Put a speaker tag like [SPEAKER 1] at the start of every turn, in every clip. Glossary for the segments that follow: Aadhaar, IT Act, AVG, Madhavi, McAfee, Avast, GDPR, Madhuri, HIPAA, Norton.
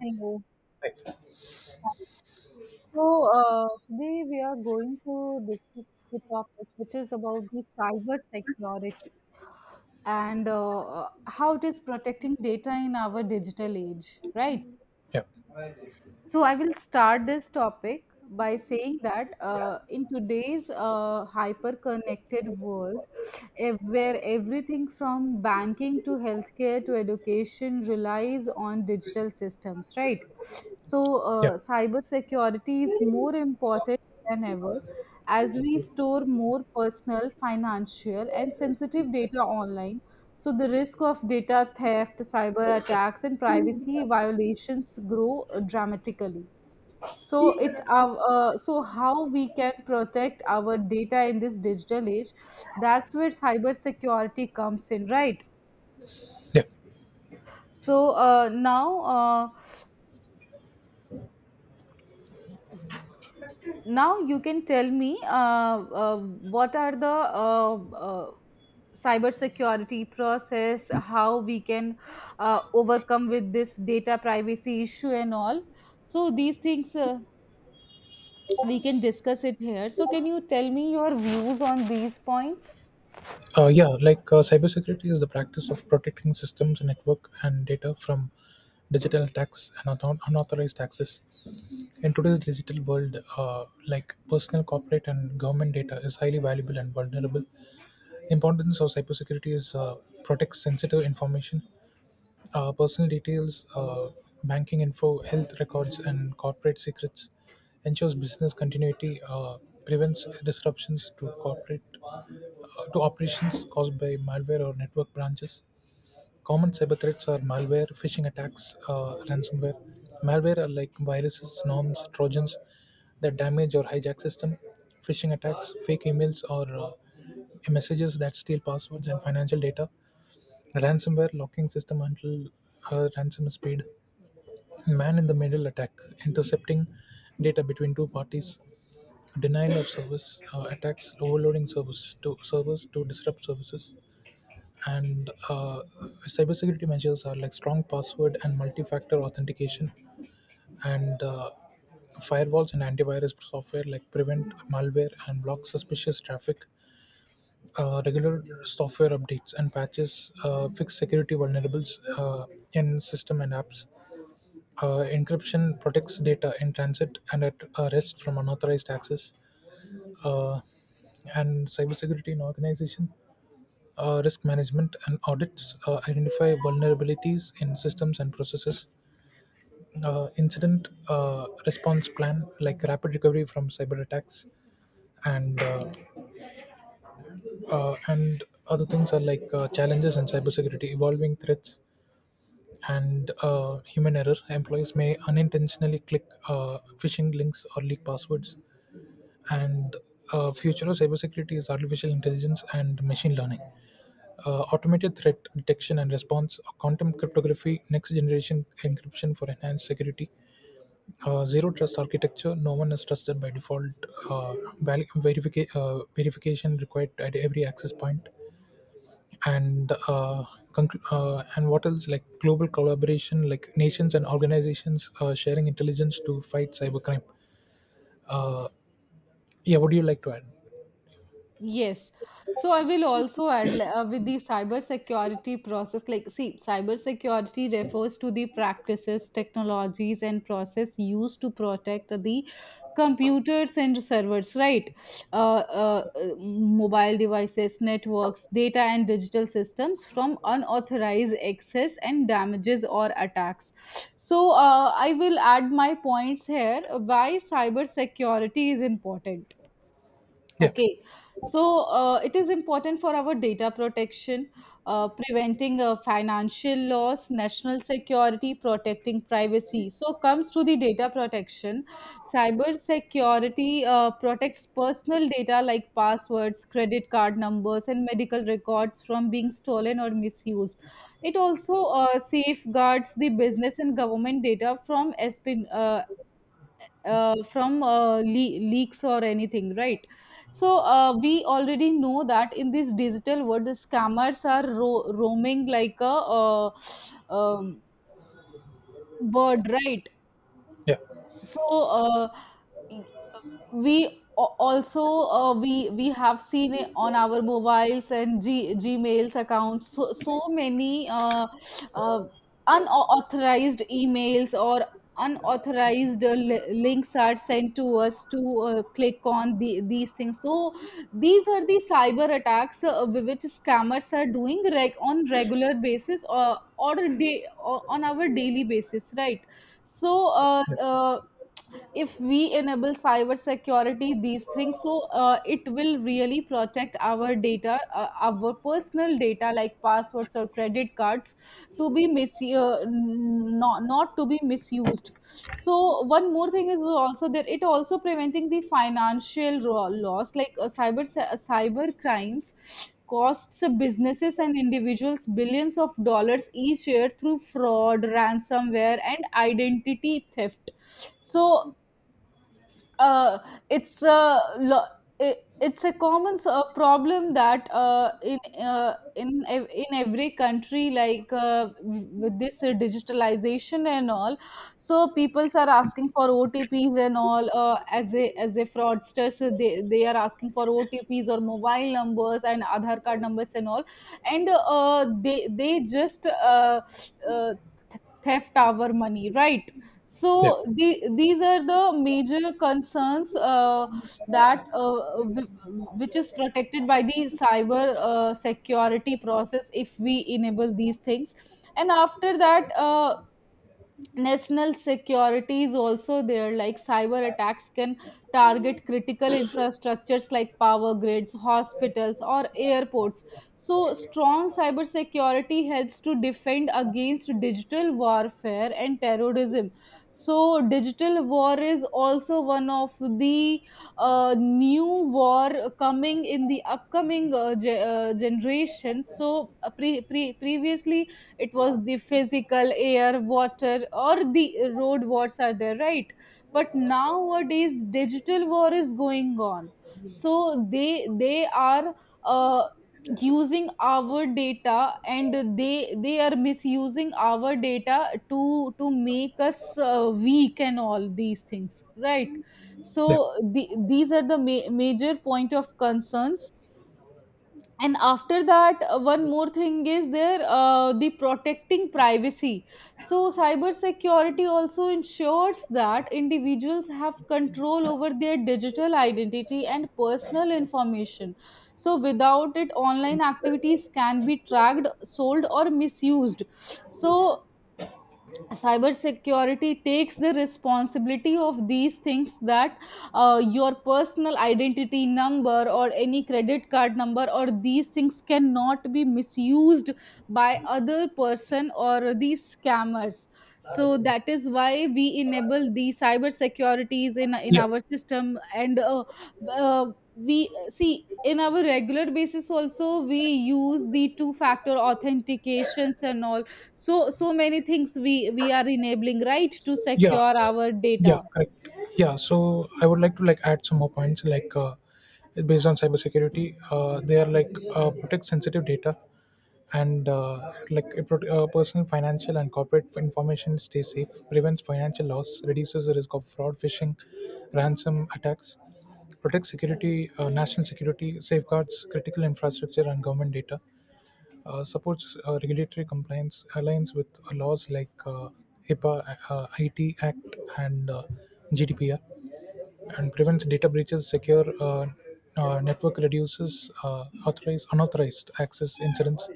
[SPEAKER 1] Hello. Hi. So, Today we are going to discuss the topic, which is about the cyber security and how it is protecting data in our digital age, right?
[SPEAKER 2] Yeah,
[SPEAKER 1] So I will start this topic by saying that in today's hyper-connected world, where everything from banking to healthcare to education relies on digital systems, right? So
[SPEAKER 2] yeah,
[SPEAKER 1] uh, cybersecurity is more important than ever as we store more personal, financial, and sensitive data online, so the risk of data theft, cyber attacks, and privacy violations grow dramatically. So how we can protect our data in this digital age. That's where cybersecurity comes in, right?
[SPEAKER 2] yeah.
[SPEAKER 1] So now you can tell me what are the cyber security process, how we can overcome with this data privacy issue and all, so these things we can discuss it here, so can you tell me your views on these points?
[SPEAKER 2] Uh, yeah, like uh, Cybersecurity is the practice of protecting systems, network, and data from digital attacks and unauthorized access. In today's digital world, personal, corporate, and government data is highly valuable and vulnerable. Importance of cybersecurity is protect sensitive information, personal details, banking info, health records, and corporate secrets; ensures business continuity, prevents disruptions to corporate to operations caused by malware or network branches. Common cyber threats are malware, phishing attacks, ransomware. Malware are like viruses, norms, trojans that damage or hijack system. Phishing attacks, fake emails or messages that steal passwords and financial data. Ransomware locking system until a ransom is paid. Man-in-the-middle attack: intercepting data between two parties. Denial of service attacks, overloading service to servers to disrupt services, and cybersecurity measures are like strong password and multi-factor authentication, and firewalls and antivirus software like prevent malware and block suspicious traffic. Regular software updates and patches fix security vulnerabilities in system and apps. Encryption protects data in transit and at rest from unauthorized access. Uh, and cybersecurity in organization, risk management and audits identify vulnerabilities in systems and processes. Incident response plan like rapid recovery from cyber attacks, and and other things are like challenges in cybersecurity, evolving threats, and human error. Employees may unintentionally click phishing links or leak passwords. And future of cybersecurity is artificial intelligence and machine learning, automated threat detection and response, quantum cryptography, next generation encryption for enhanced security, zero trust architecture. No one is trusted by default. Uh, Verification required at every access point, and and what else, like global collaboration, like nations and organizations sharing intelligence to fight cybercrime. uh, yeah, what do you like to add?
[SPEAKER 1] Yes. So I will also add with the cybersecurity process. Like, see, cybersecurity refers to the practices, technologies, and process used to protect the computers and servers, right? Mobile devices, networks, data, and digital systems from unauthorized access and damages or attacks. So I will add my points here. Why cybersecurity is important?
[SPEAKER 2] Yeah
[SPEAKER 1] Okay, so it is important for our data protection, preventing financial loss, national security, protecting privacy. So comes to the data protection. Cyber security protects personal data like passwords, credit card numbers, and medical records from being stolen or misused. It also safeguards the business and government data from espionage, from leaks or anything, right? So we already know that in this digital world, the scammers are roaming like a uh, bird, right?
[SPEAKER 2] yeah
[SPEAKER 1] so y- uh, we a- also we have seen it on our mobiles and gmails accounts, so so many uh, unauthorized emails or unauthorized links are sent to us to click on these things, so these are the cyber attacks which scammers are doing on regular basis, or on our daily basis, right? so uh,
[SPEAKER 2] yeah
[SPEAKER 1] uh, if we enable cyber security these things, so it will really protect our data, our personal data like passwords or credit cards to be not to be misused. So one more thing is also that it also preventing the financial loss, like cyber crimes costs businesses and individuals billions of dollars each year through fraud, ransomware, and identity theft. so uh, it's a lo- it's a common problem that uh, in in every country, like with this digitalization and all. So people are asking for otps and all, as a fraudsters, they are asking for otps or mobile numbers and Aadhaar card numbers and all, and they just uh, th- theft our money, right?
[SPEAKER 2] yeah
[SPEAKER 1] So these are the major concerns that which is protected by the cyber security process if we enable these things. And after that, national security is also there, like cyber attacks can target critical infrastructures like power grids, hospitals, or airports, so strong cyber security helps to defend against digital warfare and terrorism. So digital war is also one of the new war coming in the upcoming generation. So previously it was the physical, air, water, or the road wars are there, right? But nowadays digital war is going on, so they are uh, using our data and they are misusing our data to make us weak and all these things, right?
[SPEAKER 2] yeah
[SPEAKER 1] So these are the major point of concerns. And after that, one more thing is there, the protecting privacy. So cyber security also ensures that individuals have control over their digital identity and personal information, so without it online activities can be tracked, sold, or misused. So cybersecurity takes the responsibility of these things, that your personal identity number or any credit card number or these things cannot be misused by other person or these scammers. So that is why we enable the cyber securities in
[SPEAKER 2] yeah
[SPEAKER 1] our system, and uh, we see in our regular basis also, we use the two factor authentications and all, so so many things we are enabling, right, to
[SPEAKER 2] yeah
[SPEAKER 1] secure
[SPEAKER 2] s-
[SPEAKER 1] our
[SPEAKER 2] yeah
[SPEAKER 1] data.
[SPEAKER 2] Correct. Yeah, so I would like to add some more points, based on cybersecurity. They are like, protect sensitive data, and like it prot- personal, financial, and corporate information stay safe; prevents financial loss, reduces the risk of fraud, phishing, ransom attacks; protects security, national security, safeguards critical infrastructure and government data; supports regulatory compliance, aligns with laws like HIPAA, IT Act, and GDPR; and prevents data breaches, secure network, reduces unauthorized access incidents.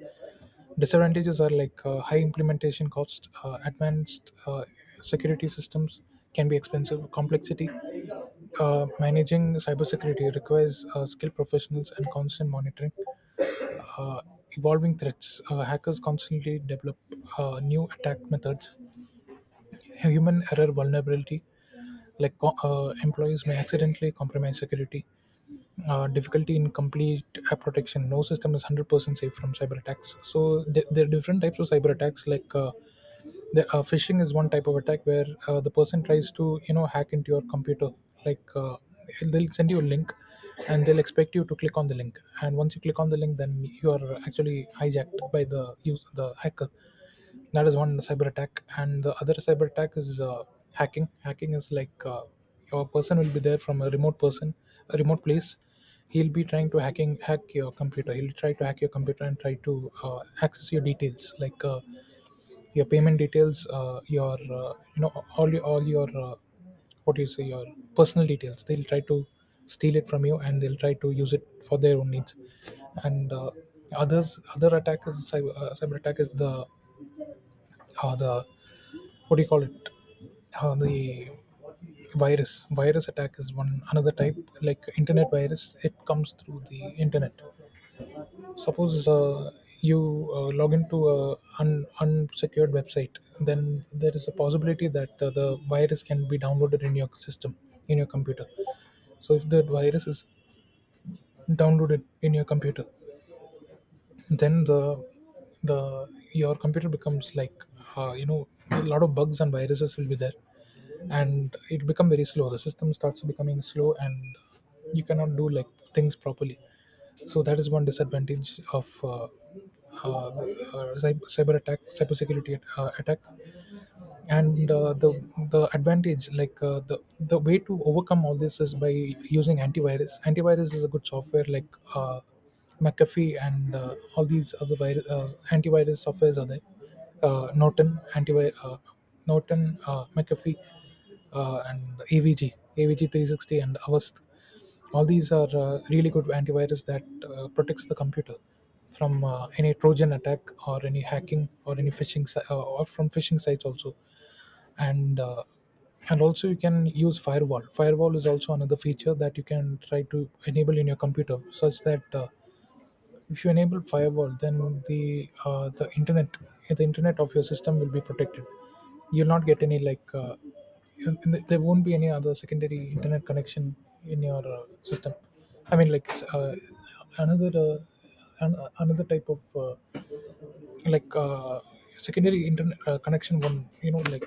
[SPEAKER 2] Disadvantages are like high implementation costs, advanced security systems can be expensive; complexity. Managing cybersecurity requires skilled professionals and constant monitoring. uh, Evolving threats, hackers constantly develop new attack methods. Human error vulnerability, employees may accidentally compromise security. Difficulty in complete app protection. No system is 100% safe from cyber attacks. So there are different types of cyber attacks, like phishing is one type of attack where the person tries to you know hack into your computer. Like they'll send you a link, and they'll expect you to click on the link. And once you click on the link, then you are actually hijacked by the hacker. That is one cyber attack, and the other cyber attack is hacking. Hacking is like your person will be there from a remote person, a remote place. He'll be trying to hack your computer. He'll try to hack your computer and try to access your details, like. Your payment details, your, you know, all your what do you say your personal details, they'll try to steal it from you and they'll try to use it for their own needs. And Others, other attack is cyber attack is the what do you call it the virus. Virus attack is one another type, like internet virus, it comes through the internet. Suppose you log into a unsecured website, then there is a possibility that the virus can be downloaded in your system, in your computer. So if the virus is downloaded in your computer, then the your computer becomes like, you know, a lot of bugs and viruses will be there, and it become very slow. The system starts becoming slow and you cannot do like things properly. So that is one disadvantage of cyber attack, attack. And the advantage, like the way to overcome all this is by using antivirus. Antivirus is a good software, like McAfee, and all these other virus, antivirus softwares are there. Norton antivirus, Norton, McAfee, and avg AVG, 360, and Avast. All these are really good antivirus that protects the computer from any trojan attack or any hacking or any phishing si- or from phishing sites also. And uh, and also you can use firewall. Firewall is also another feature that you can try to enable in your computer, such that if you enable firewall, then the internet of your system will be protected. You'll not get any, like there won't be any other secondary internet connection in your system. I mean, like uh, another uh, another type of, like uh, secondary internet connection, one, you know, like,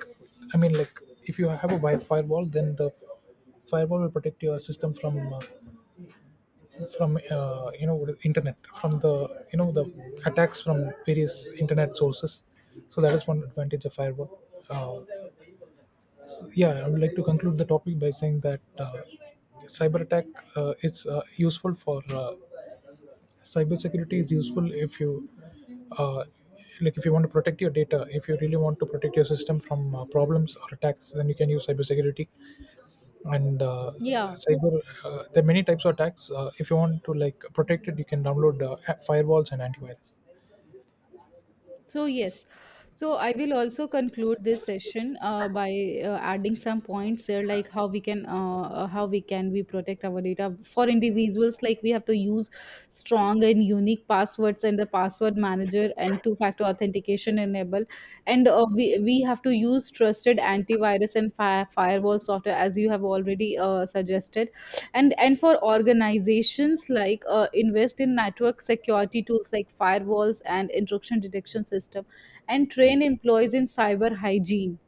[SPEAKER 2] I mean, like, if you have a wi firewall, then the firewall will protect your system from you know, internet, from the, you know, the attacks from various internet sources. So that is one advantage of firewall. uh, so, yeah, I would like to conclude the topic by saying that cyber attack is useful for cybersecurity is useful if you, uh, like, if you want to protect your data, if you really want to protect your system from problems or attacks, then you can use cybersecurity. And
[SPEAKER 1] Yeah.
[SPEAKER 2] cyber There are many types of attacks. If you want to like protect it, you can download firewalls and antivirus.
[SPEAKER 1] So, yes. So, I will also conclude this session by adding some points there, like how we can we protect our data for individuals. Like we have to use strong and unique passwords and the password manager and two-factor authentication enable, and we have to use trusted antivirus and firewall software as you have already suggested. And for organizations, like invest in network security tools like firewalls and intrusion detection system and train employees in cyber hygiene,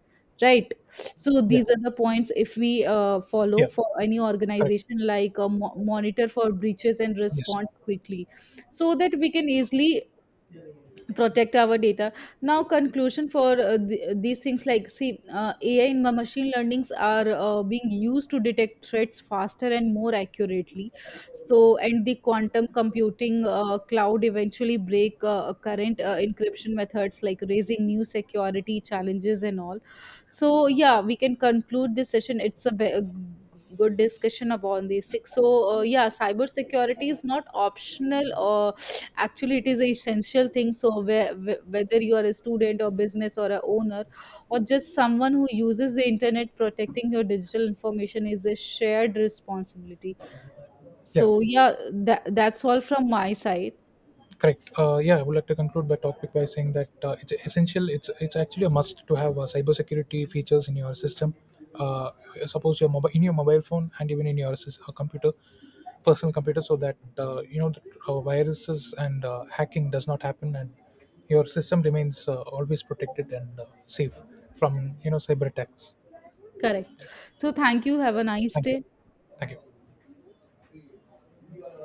[SPEAKER 1] right? So
[SPEAKER 2] yeah
[SPEAKER 1] these are the points if we follow
[SPEAKER 2] yeah
[SPEAKER 1] for any
[SPEAKER 2] correct,
[SPEAKER 1] organization, like monitor for breaches and
[SPEAKER 2] yes,
[SPEAKER 1] response quickly, so that we can easily protect our data. Now conclusion for these things, like see, ai and machine learnings are being used to detect threats faster and more accurately. So, and the quantum computing cloud eventually break current encryption methods, like raising new security challenges and all. So yeah, we can conclude this session. It's a good discussion about these six. So yeah, cyber security is not optional, or actually it is an essential thing. So whether you are a student or business or a owner or just someone who uses the internet, protecting your digital information is a shared responsibility.
[SPEAKER 2] yeah.
[SPEAKER 1] So yeah, that's all from my side.
[SPEAKER 2] Correct. Yeah, I would like to conclude my topic by saying that it's essential. It's actually a must to have cybersecurity features in your system. Uh, suppose your mobile in your mobile phone and even in your computer, personal computer, so that viruses and hacking does not happen, and your system remains always protected and safe from you know cyber attacks.
[SPEAKER 1] Correct, so thank you, have a nice
[SPEAKER 2] Thank you.
[SPEAKER 1] day.
[SPEAKER 2] Thank you.